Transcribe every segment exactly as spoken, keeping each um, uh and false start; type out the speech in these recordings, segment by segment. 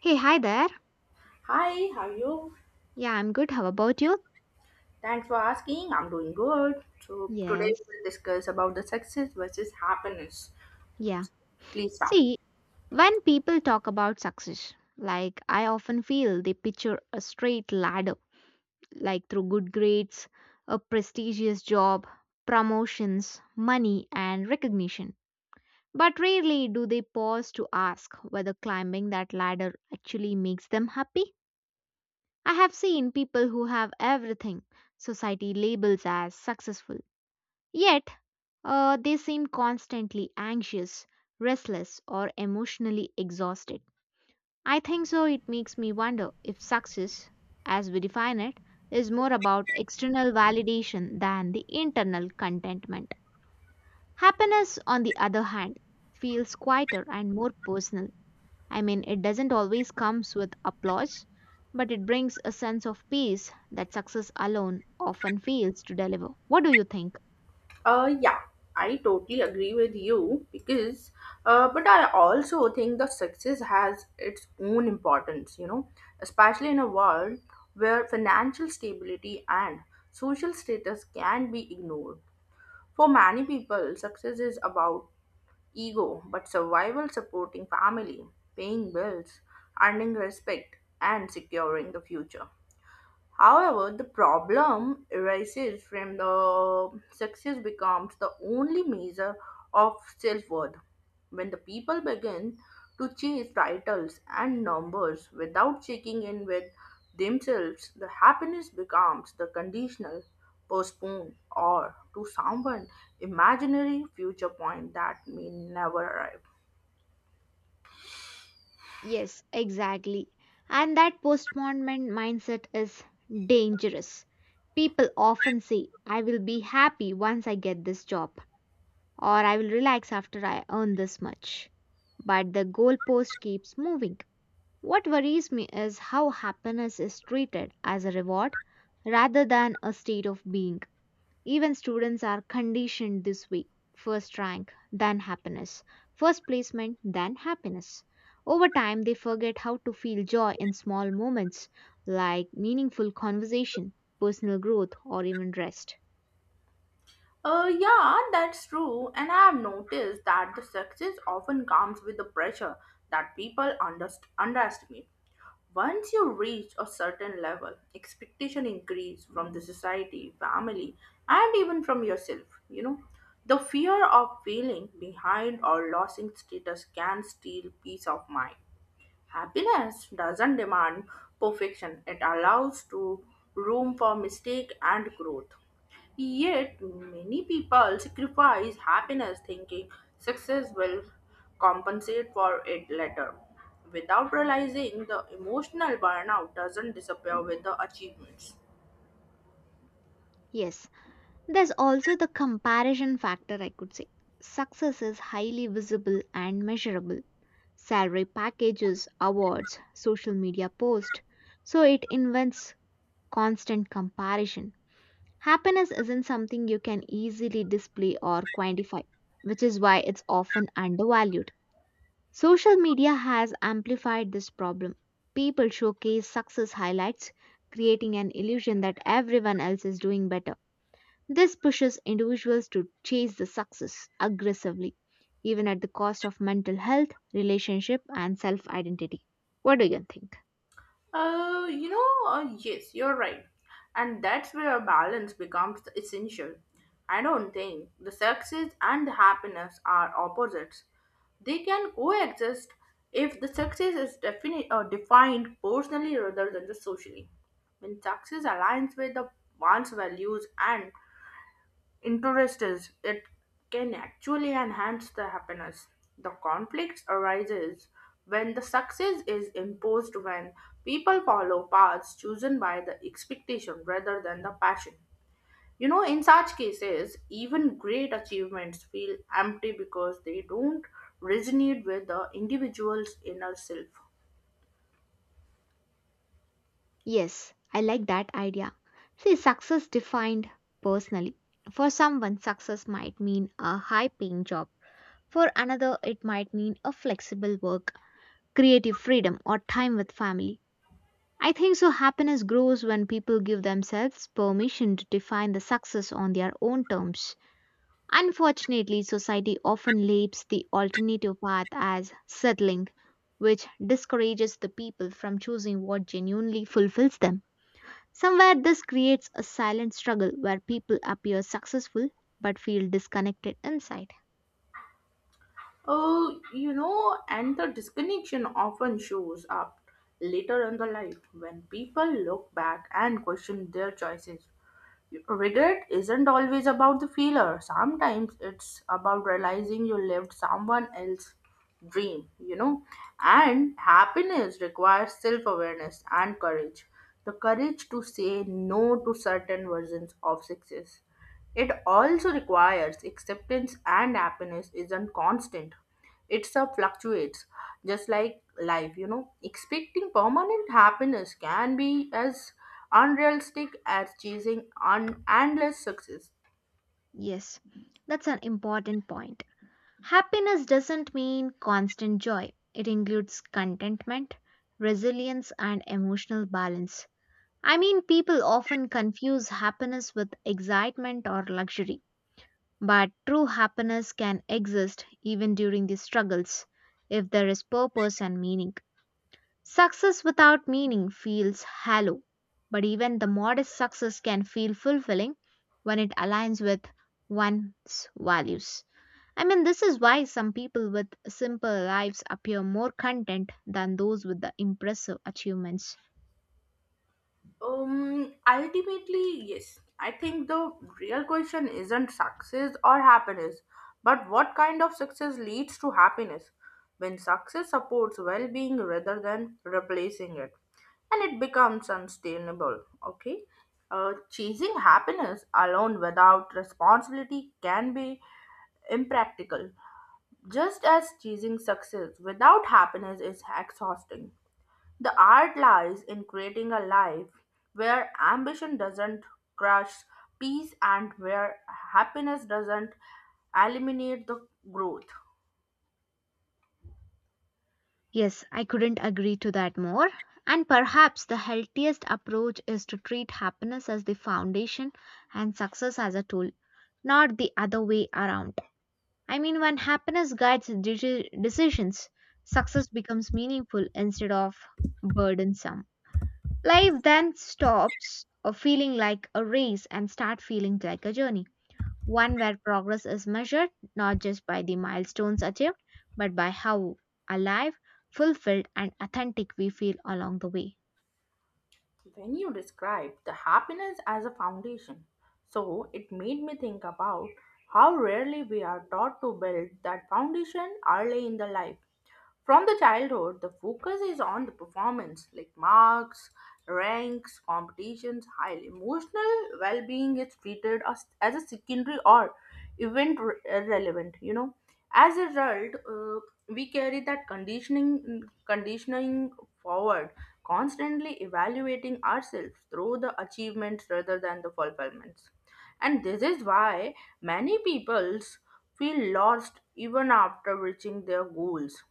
Hey, hi there. Hi, how are you? Yeah, I'm good. How about you? Thanks for asking. I'm doing good. So today Yes. we will discuss about the success versus happiness. Yeah. Please start. See, when people talk about success, like I often feel they picture a straight ladder, like through good grades, a prestigious job, promotions, money, and recognition. But rarely do they pause to ask whether climbing that ladder actually makes them happy. I have seen people who have everything society labels as successful, yet Uh, they seem constantly anxious, restless, or emotionally exhausted. I think so. It makes me wonder if success, as we define it, is more about external validation than the internal contentment. Happiness, on the other hand, feels quieter and more personal. I mean, it doesn't always comes with applause, but it brings a sense of peace that success alone often fails to deliver. What do you think? Uh, yeah, I totally agree with you because, uh, but I also think the success has its own importance. You know, especially in a world where financial stability and social status can be ignored. For many people, success is about ego, but survival supporting family, paying bills, earning respect, and securing the future. However, the problem arises from the success becomes the only measure of self worth. When the people begin to chase titles and numbers without checking in with themselves, the happiness becomes the conditional, postponed, or to someone imaginary future point that may never arrive. Yes, exactly. And that postponement mindset is dangerous. People often say, I will be happy once I get this job, or I will relax after I earn this much. But the goalpost keeps moving. What worries me is how happiness is treated as a reward rather than a state of being. Even students are conditioned this way, first rank, then happiness, first placement, then happiness. Over time, they forget how to feel joy in small moments like meaningful conversation, personal growth, or even rest. Uh, yeah, that's true. And I have noticed that the success often comes with the pressure that people underst- underestimate. Once you reach a certain level, expectation increase from the society, family, and even from yourself. You know, the fear of feeling behind or losing status can steal peace of mind. Happiness doesn't demand perfection; it allows to room for mistake and growth. Yet, many people sacrifice happiness thinking success will compensate for it later without realizing the emotional burnout doesn't disappear with the achievements. Yes, there's also the comparison factor, I could say. Success is highly visible and measurable. Salary packages, awards, social media posts. So it invents constant comparison. Happiness isn't something you can easily display or quantify, which is why it's often undervalued. Social media has amplified this problem. People showcase success highlights, creating an illusion that everyone else is doing better. This pushes individuals to chase the success aggressively, even at the cost of mental health, relationship, and self identity. What do you think? Uh, you know, uh, yes, you're right. And that's where balance becomes essential. I don't think the success and the happiness are opposites. They can coexist if the success is defini- uh, defined personally rather than the socially. When success aligns with the one's values and Interest is it can actually enhance the happiness. The conflict arises when the success is imposed when people follow paths chosen by the expectation rather than the passion. You know, in such cases, even great achievements feel empty because they don't resonate with the individual's inner self. Yes, I like that idea. See, success defined personally. For someone, success might mean a high paying job. For another, it might mean a flexible work, creative freedom, or time with family. I think so. Happiness grows when people give themselves permission to define the success on their own terms. Unfortunately, society often labels the alternative path as settling, which discourages the people from choosing what genuinely fulfills them. Somewhere this creates a silent struggle where people appear successful but feel disconnected inside. Oh, you know, and the disconnection often shows up later in the life when people look back and question their choices. Regret isn't always about the failure. Sometimes it's about realizing you lived someone else's dream, you know. And happiness requires self awareness and courage, the courage to say no to certain versions of success. It also requires acceptance, and happiness isn't constant. It's a fluctuates, just like life, you know. Expecting permanent happiness can be as unrealistic as chasing un- endless success. Yes, that's an important point. Happiness doesn't mean constant joy, it includes contentment, resilience, and emotional balance. I mean, people often confuse happiness with excitement or luxury, but true happiness can exist even during these struggles if there is purpose and meaning. Success without meaning feels hollow, but even the modest success can feel fulfilling when it aligns with one's values. I mean, this is why some people with simple lives appear more content than those with the impressive achievements. Um, ultimately, yes, I think the real question isn't success or happiness, but what kind of success leads to happiness. When success supports well being rather than replacing it, and it becomes unsustainable. Okay? Uh, chasing happiness alone without responsibility can be impractical, just as chasing success without happiness is exhausting. The art lies in creating a life where ambition doesn't crush peace and where happiness doesn't eliminate the growth. Yes, I couldn't agree to that more. And perhaps the healthiest approach is to treat happiness as the foundation and success as a tool, not the other way around. I mean, when happiness guides deci- decisions, success becomes meaningful instead of burdensome. Life then stops uh, feeling like a race and start feeling like a journey, one where progress is measured not just by the milestones achieved, but by how alive, fulfilled, and authentic we feel along the way. When you describe the happiness as a foundation, so it made me think about how rarely we are taught to build that foundation early in the life. From the childhood, the focus is on the performance, like marks, ranks, competitions, high emotional well-being is treated as, as a secondary or event re- uh, relevant. You know, as a result, uh, we carry that conditioning conditioning forward, constantly evaluating ourselves through the achievements rather than the fulfillments. And this is why many people's feel lost even after reaching their goals.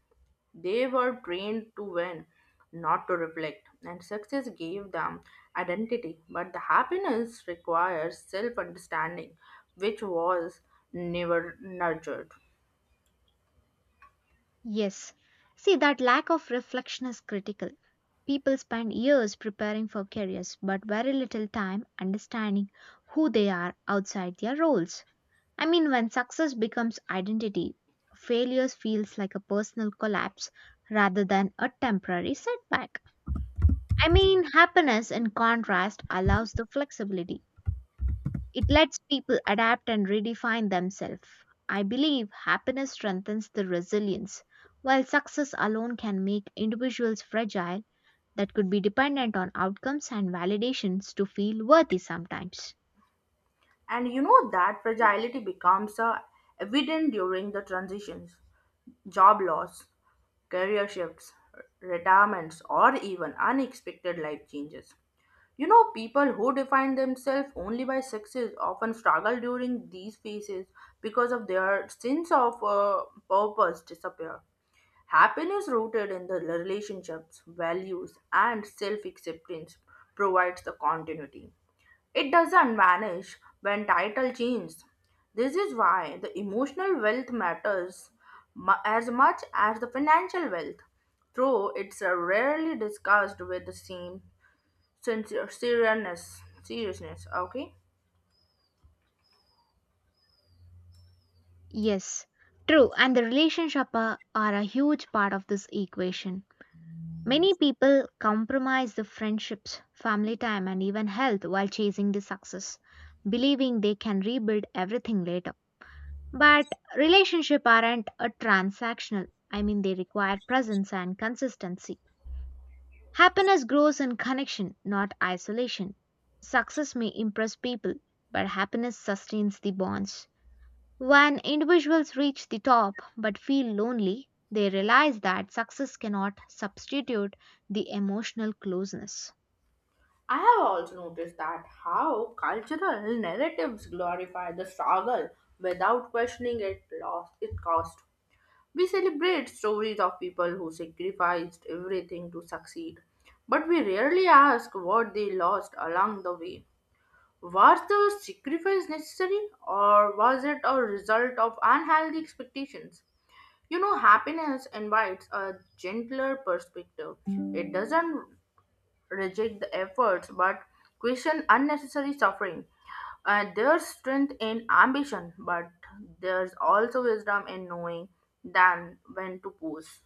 They were trained to win, not to reflect, and success gave them identity. But the happiness requires self understanding, which was never nurtured. Yes. See, that lack of reflection is critical. People spend years preparing for careers but very little time understanding who they are outside their roles. I mean, when success becomes identity, failures feels like a personal collapse rather than a temporary setback. I mean, happiness in contrast allows the flexibility. It lets people adapt and redefine themselves. I believe happiness strengthens the resilience, while success alone can make individuals fragile that could be dependent on outcomes and validations to feel worthy sometimes. And you know that fragility becomes uh, evident during the transitions, job loss, career shifts, retirements, or even unexpected life changes. You know, people who define themselves only by success often struggle during these phases because of their sense of uh, purpose disappear. Happiness rooted in the relationships, values, and self-acceptance provides the continuity. It doesn't vanish when title changes. This is why the emotional wealth matters mu- as much as the financial wealth, though it's uh, rarely discussed with the same Sincere, seriousness, seriousness. Okay. Yes, true, and the relationships are, are a huge part of this equation. Many people compromise the friendships, family time, and even health while chasing the success, believing they can rebuild everything later. But relationship aren't a transactional. I mean they require presence and consistency. Happiness grows in connection, not isolation. Success may impress people, but happiness sustains the bonds. When individuals reach the top but feel lonely, they realize that success cannot substitute the emotional closeness. I have also noticed that how cultural narratives glorify the struggle without questioning it lost it cost. We celebrate stories of people who sacrificed everything to succeed, but we rarely ask what they lost along the way. Was the sacrifice necessary, or was it a result of unhealthy expectations? You know, happiness invites a gentler perspective. It doesn't reject the efforts but question unnecessary suffering. Uh, there's strength in ambition, but there's also wisdom in knowing than when to pause.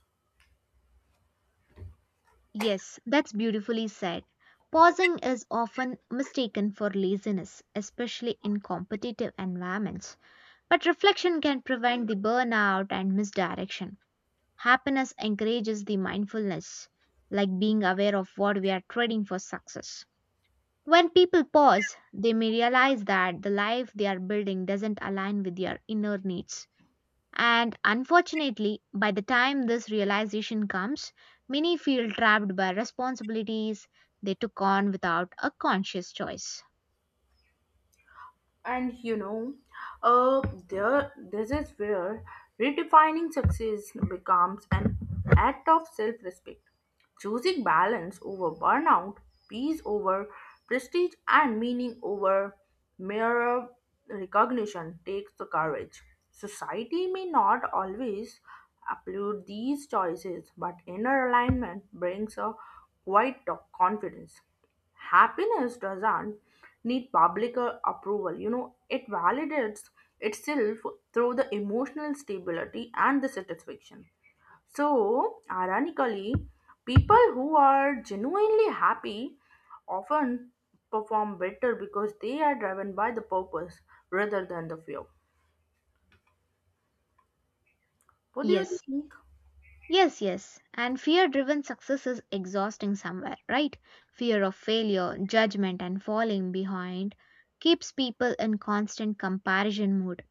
Yes, that's beautifully said. Pausing is often mistaken for laziness, especially in competitive environments. But reflection can prevent the burnout and misdirection. Happiness encourages the mindfulness, like being aware of what we are trading for success. When people pause, they may realize that the life they are building doesn't align with their inner needs. And unfortunately, by the time this realization comes, many feel trapped by responsibilities they took on without a conscious choice. And you know, uh, there, This is where redefining success becomes an act of self respect. Choosing balance over burnout, peace over prestige, and meaning over mere recognition takes the courage. Society may not always applaud these choices, but inner alignment brings a quiet confidence. Happiness doesn't need public uh, approval, you know. It validates itself through the emotional stability and the satisfaction. So ironically, people who are genuinely happy often perform better because they are driven by the purpose rather than the fear. What do you Yes, think? Yes, yes. And fear driven success is exhausting somewhere, right? Fear of failure, judgment, and falling behind keeps people in constant comparison mood.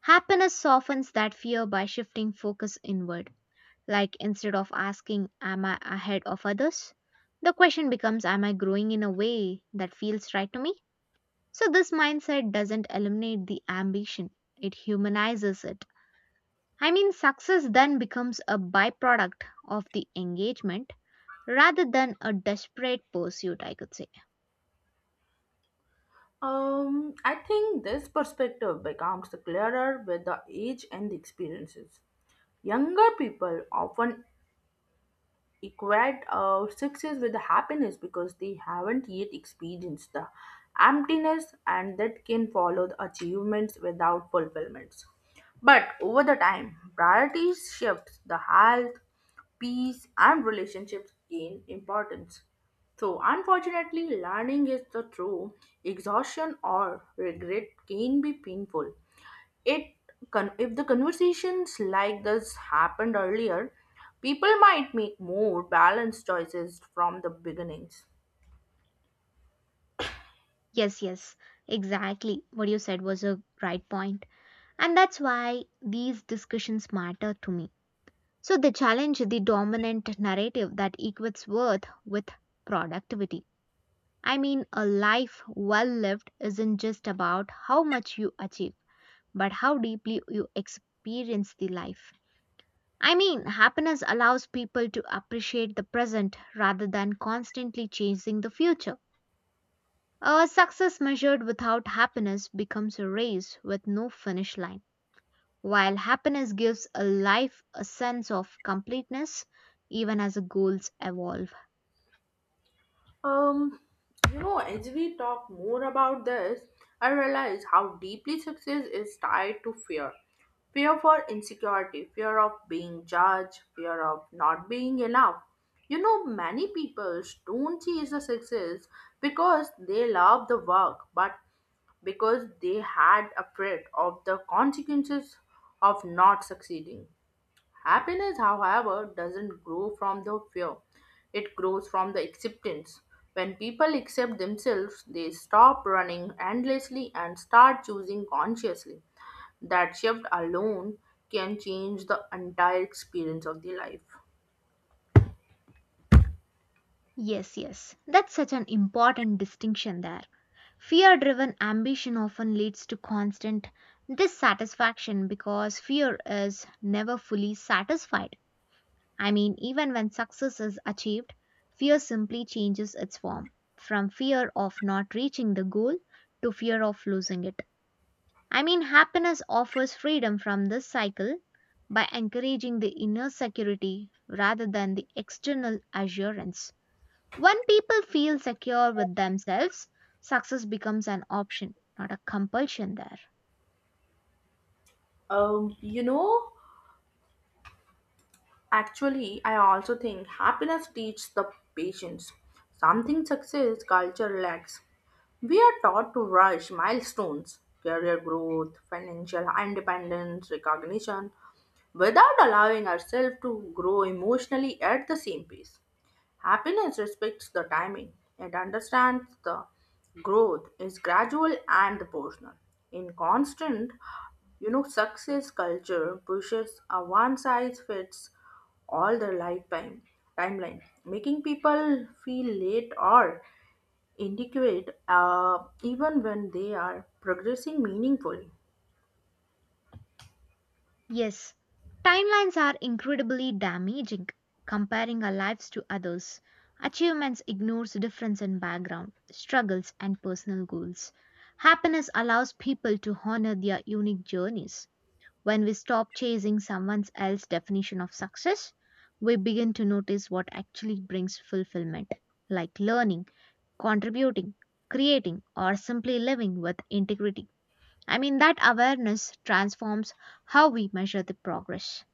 Happiness softens that fear by shifting focus inward. Like instead of asking, am I ahead of others? The question becomes, am I growing in a way that feels right to me? So, this mindset doesn't eliminate the ambition, it humanizes it. I mean, success then becomes a byproduct of the engagement rather than a desperate pursuit, I could say. um I think this perspective becomes clearer with the age and the experiences. Younger people often equate uh, success with happiness because they haven't yet experienced the emptiness and that can follow the achievements without fulfillments. But over the time, priorities shift, the health, peace, and relationships gain importance. So, unfortunately, learning is the true exhaustion or regret can be painful. It con- if the conversations like this happened earlier, people might make more balanced choices from the beginnings. Yes, yes, exactly. What you said was a right point. And that's why these discussions matter to me. So they challenge the dominant narrative that equates worth with productivity. I mean, a life well lived isn't just about how much you achieve, but how deeply you experience the life. I mean, happiness allows people to appreciate the present rather than constantly chasing the future. A success measured without happiness becomes a race with no finish line, while happiness gives a life a sense of completeness even as the goals evolve. um you know, as we talk more about this, I realize how deeply success is tied to fear. Fear for insecurity, fear of being judged, fear of not being enough. You know, many people don't chase the success because they love the work but because they had afraid of the consequences of not succeeding. Happiness, however, doesn't grow from the fear, it grows from the acceptance. When people accept themselves, they stop running endlessly and start choosing consciously. That shift alone can change the entire experience of the life. Yes, yes, that's such an important distinction there. Fear driven ambition often leads to constant dissatisfaction because fear is never fully satisfied. I mean, even when success is achieved, fear simply changes its form from fear of not reaching the goal to fear of losing it. I mean, happiness offers freedom from this cycle by encouraging the inner security rather than the external assurance. When people feel secure with themselves, success becomes an option, not a compulsion there. Um, you know, Actually, I also think happiness teaches the patience, something success culture lacks. We are taught to rush milestones, career growth, financial independence, recognition, without allowing ourselves to grow emotionally at the same pace. Happiness respects the timing. It understands the growth is gradual and proportional. In constant, you know, success culture pushes a one size fits all their lifetime timeline, making people feel late or inadequate, uh, even when they are progressing meaningfully. Yes, timelines are incredibly damaging. Comparing our lives to others, achievements ignores difference in background, struggles, and personal goals. Happiness allows people to honor their unique journeys. When we stop chasing someone else's definition of success, we begin to notice what actually brings fulfillment, like learning, contributing, creating, or simply living with integrity. I mean, that awareness transforms how we measure the progress.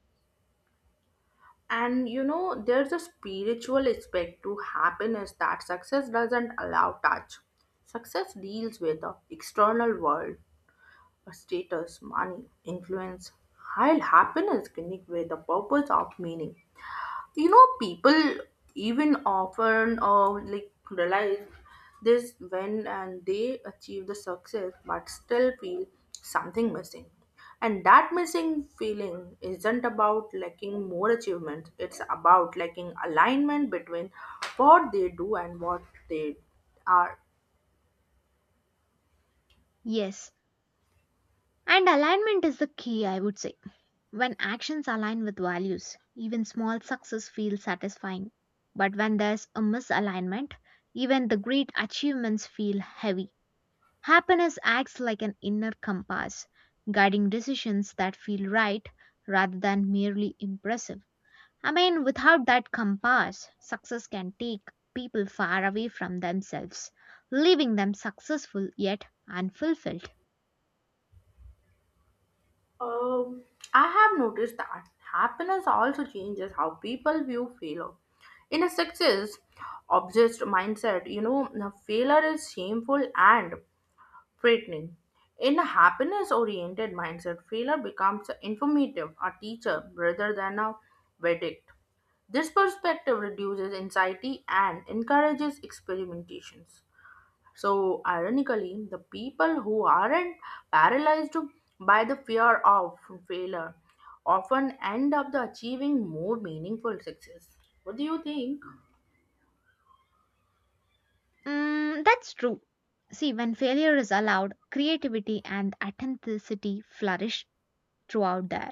And you know, there's a spiritual aspect to happiness that success doesn't allow touch. Success deals with the external world, a status, money, influence, while happiness connects with the purpose of meaning. You know, people even often uh, like realize this when and they achieve the success but still feel something missing. And that missing feeling isn't about lacking more achievements, it's about lacking alignment between what they do and what they are. Yes, and alignment is the key, I would say. When actions align with values, even small success feels satisfying. But when there's a misalignment, even the great achievements feel heavy. Happiness acts like an inner compass, guiding decisions that feel right rather than merely impressive. I mean, without that compass, success can take people far away from themselves, leaving them successful yet unfulfilled. Um, I have noticed that happiness also changes how people view failure. In a success obsessed mindset, you know, the failure is shameful and threatening. In a happiness oriented mindset, failure becomes informative, a teacher, rather than a verdict. This perspective reduces anxiety and encourages experimentations. So, ironically, the people who aren't paralyzed by the fear of failure often end up the achieving more meaningful success. What do you think? Mm, that's true. See, when failure is allowed, creativity and authenticity flourish throughout there.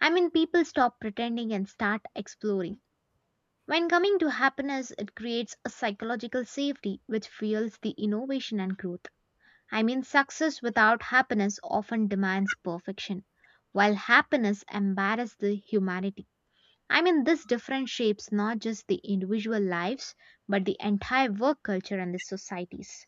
I mean, people stop pretending and start exploring. When coming to happiness, it creates a psychological safety which fuels the innovation and growth. I mean, success without happiness often demands perfection, while happiness embarrasses the humanity. I mean, this difference shapes not just the individual lives, but the entire work culture and the societies.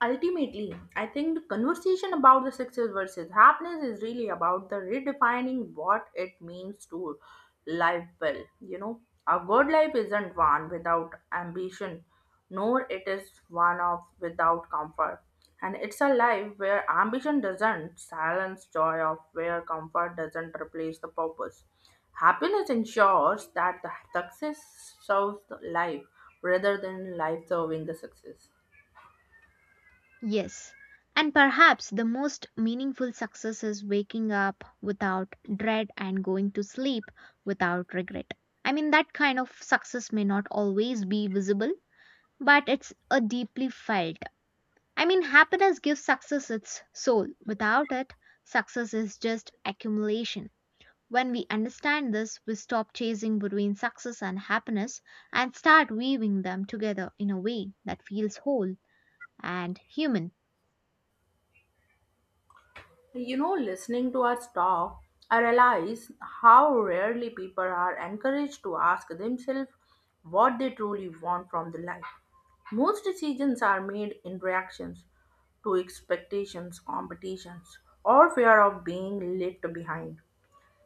Ultimately, I think the conversation about the success versus happiness is really about the redefining what it means to live well. You know, a good life isn't one without ambition, nor it is one of without comfort. And it's a life where ambition doesn't silence joy of where comfort doesn't replace the purpose. Happiness ensures that the success serves the life rather than life serving the success. Yes, and perhaps the most meaningful success is waking up without dread and going to sleep without regret. I mean, that kind of success may not always be visible, but it's a deeply felt. I mean, happiness gives success its soul. Without it, success is just accumulation. When we understand this, we stop chasing between success and happiness and start weaving them together in a way that feels whole and human. You know, listening to us talk, I realize how rarely people are encouraged to ask themselves what they truly want from the life. Most decisions are made in reactions to expectations, competitions, or fear of being left behind.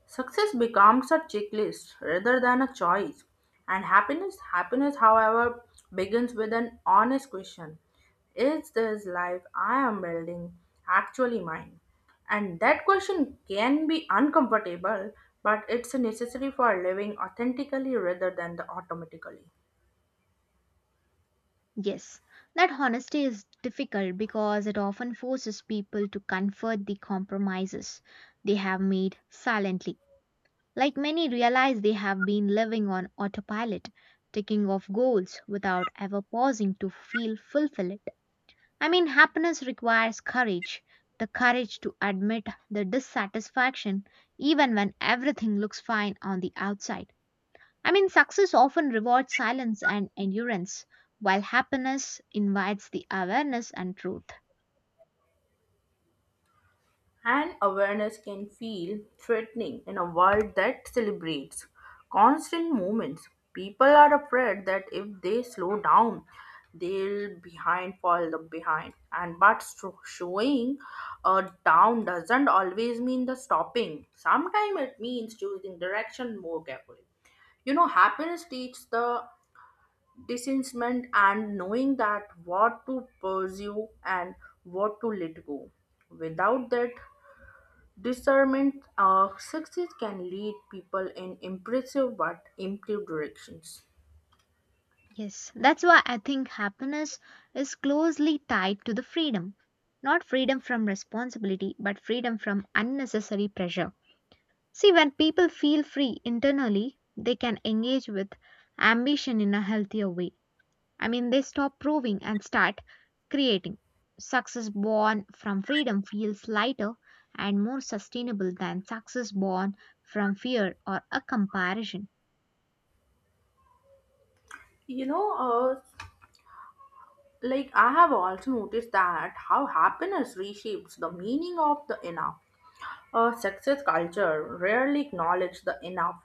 Success becomes a checklist rather than a choice. And happiness, happiness, however, begins with an honest question. Is this life I am building actually mine? And that question can be uncomfortable, but it's necessary for living authentically rather than the automatically. Yes, that honesty is difficult because it often forces people to comfort the compromises they have made silently. Like many realize they have been living on autopilot, ticking off goals without ever pausing to feel fulfilled. I mean, happiness requires courage, the courage to admit the dissatisfaction even when everything looks fine on the outside. I mean, success often rewards silence and endurance, while happiness invites the awareness and truth. And awareness can feel threatening in a world that celebrates constant movements. People are afraid that if they slow down, they'll behind fall the behind. And but sho- showing a down doesn't always mean the stopping. Sometimes it means choosing direction more carefully. You know, happiness teaches the discernment and knowing that what to pursue and what to let go. Without that, discernment of success can lead people in impressive but improved directions. Yes, that's why I think happiness is closely tied to the freedom. Not freedom from responsibility, but freedom from unnecessary pressure. See, when people feel free internally, they can engage with ambition in a healthier way. I mean, they stop proving and start creating. Success born from freedom feels lighter and more sustainable than success born from fear or a comparison. You know, uh, like I have also noticed that how happiness reshapes the meaning of the enough. A success culture rarely acknowledges the enough.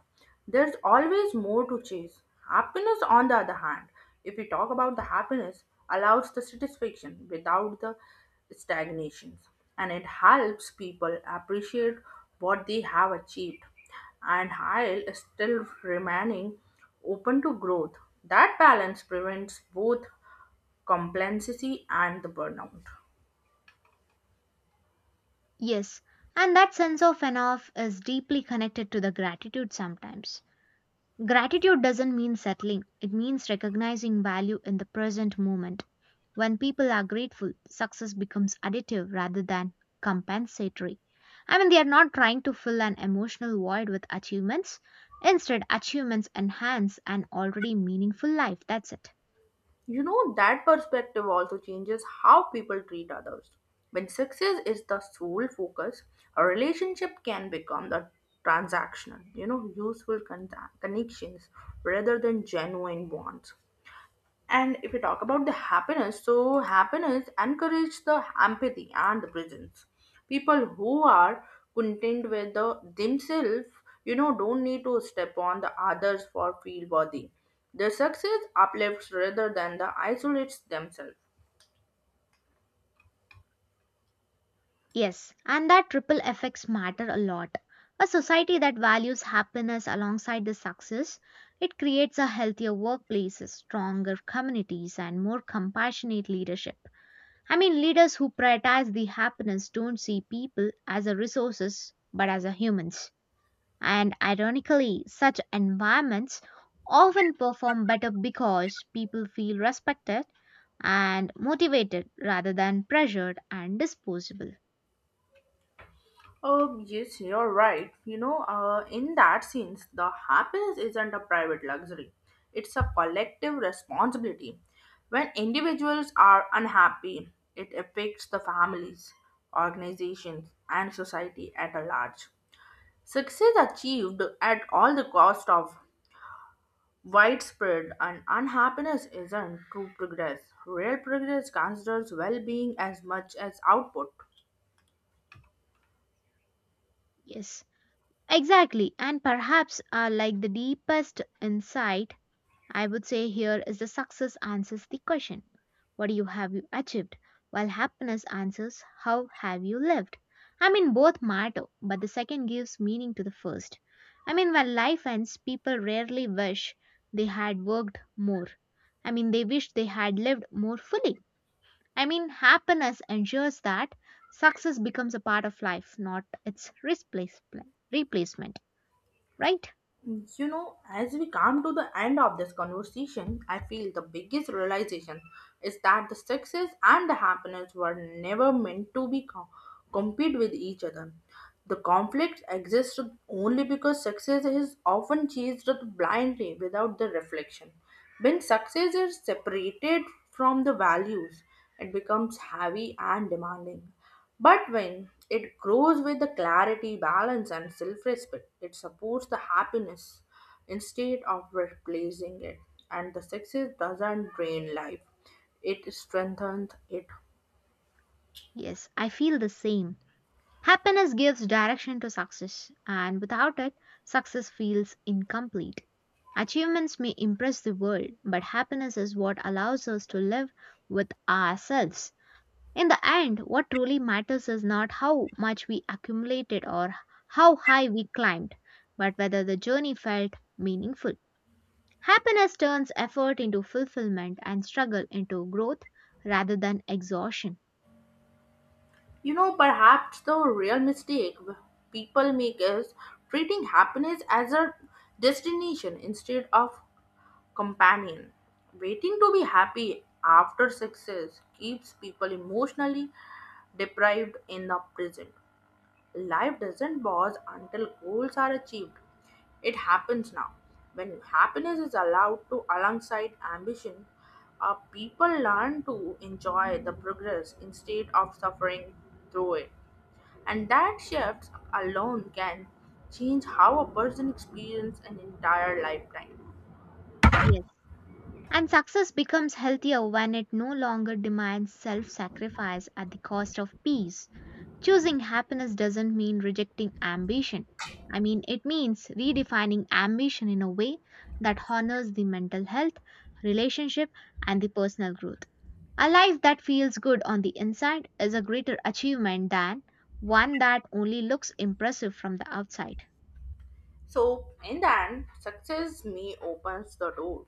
There's always more to chase. Happiness, on the other hand, if we talk about the happiness, allows the satisfaction without the stagnations, and it helps people appreciate what they have achieved, and while still remaining open to growth. That balance prevents both complacency and the burnout. Yes, and that sense of enough is deeply connected to the gratitude sometimes. Gratitude doesn't mean settling, it means recognizing value in the present moment. When people are grateful, success becomes additive rather than compensatory. I mean, they are not trying to fill an emotional void with achievements. Instead, achievements enhance an already meaningful life. That's it. You know, that perspective also changes how people treat others. When success is the sole focus, a relationship can become the transactional, you know, useful con- connections rather than genuine bonds. And if you talk about the happiness, so happiness encourages the empathy and the presence. People who are content with the, themselves, you know, don't need to step on the others for feel worthy. Their success uplifts rather than the isolates themselves. Yes, and that triple effects matter a lot. A society that values happiness alongside the success, it creates a healthier workplace, stronger communities, and more compassionate leadership. I mean, leaders who prioritize the happiness don't see people as a resources but as a humans. And ironically, such environments often perform better because people feel respected and motivated rather than pressured and disposable. Um, yes, you're right. You know, uh, in that sense, the happiness isn't a private luxury, it's a collective responsibility. When individuals are unhappy, it affects the families, organizations, and society at a large. Success achieved at all the cost of widespread and unhappiness isn't true progress. Real progress considers well being as much as output. Yes. Exactly, and perhaps uh, like the deepest insight, I would say here is the success answers the question, What do you have you achieved? While happiness answers, how have you lived? I mean, both matter, but the second gives meaning to the first. I mean, when life ends, people rarely wish they had worked more. I mean, they wish they had lived more fully. I mean, happiness ensures that success becomes a part of life, not its replace- replacement, right? You know, as we come to the end of this conversation, I feel the biggest realization is that the success and the happiness were never meant to be co- compete with each other. The conflict exists only because success is often chased blindly without the reflection. When success is separated from the values, it becomes heavy and demanding. But when it grows with the clarity, balance, and self respect, it supports the happiness instead of replacing it. And the success doesn't drain life, it strengthens it. Yes, I feel the same. Happiness gives direction to success, and without it, success feels incomplete. Achievements may impress the world, but happiness is what allows us to live with ourselves. In the end, what truly matters is not how much we accumulated or how high we climbed, but whether the journey felt meaningful. Happiness turns effort into fulfillment and struggle into growth rather than exhaustion. You know, perhaps the real mistake people make is treating happiness as a destination instead of companion. Waiting to be happy after success keeps people emotionally deprived in the present. Life doesn't pause until goals are achieved. It happens now. When happiness is allowed to alongside ambition, uh, people learn to enjoy the progress instead of suffering through it. And that shift alone can change how a person experiences an entire lifetime. Yes. And success becomes healthier when it no longer demands self sacrifice at the cost of peace. Choosing happiness doesn't mean rejecting ambition. I mean, it means redefining ambition in a way that honors the mental health, relationship, and the personal growth. A life that feels good on the inside is a greater achievement than one that only looks impressive from the outside. So, in the end, success may opens the door,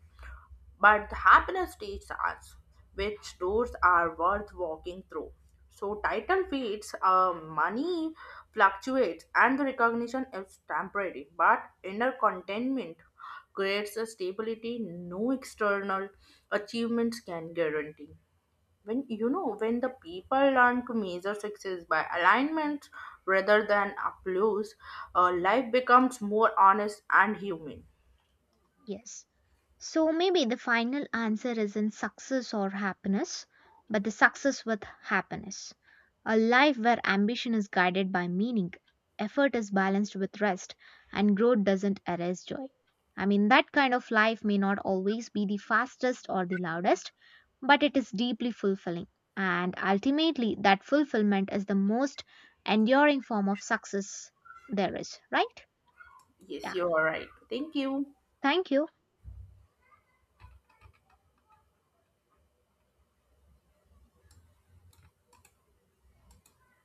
but the happiness teaches us which doors are worth walking through. So title fades, uh, money fluctuates, and the recognition is temporary. But inner contentment creates a stability no external achievements can guarantee. When you know when the people learn to measure success by alignment rather than applause, uh, life becomes more honest and human. Yes. So maybe the final answer isn't success or happiness, but the success with happiness. A life where ambition is guided by meaning, effort is balanced with rest, and growth doesn't erase joy. I mean, that kind of life may not always be the fastest or the loudest, but it is deeply fulfilling. And ultimately, that fulfillment is the most enduring form of success there is, right? Yes, Yeah. you are right. Thank you. Thank you.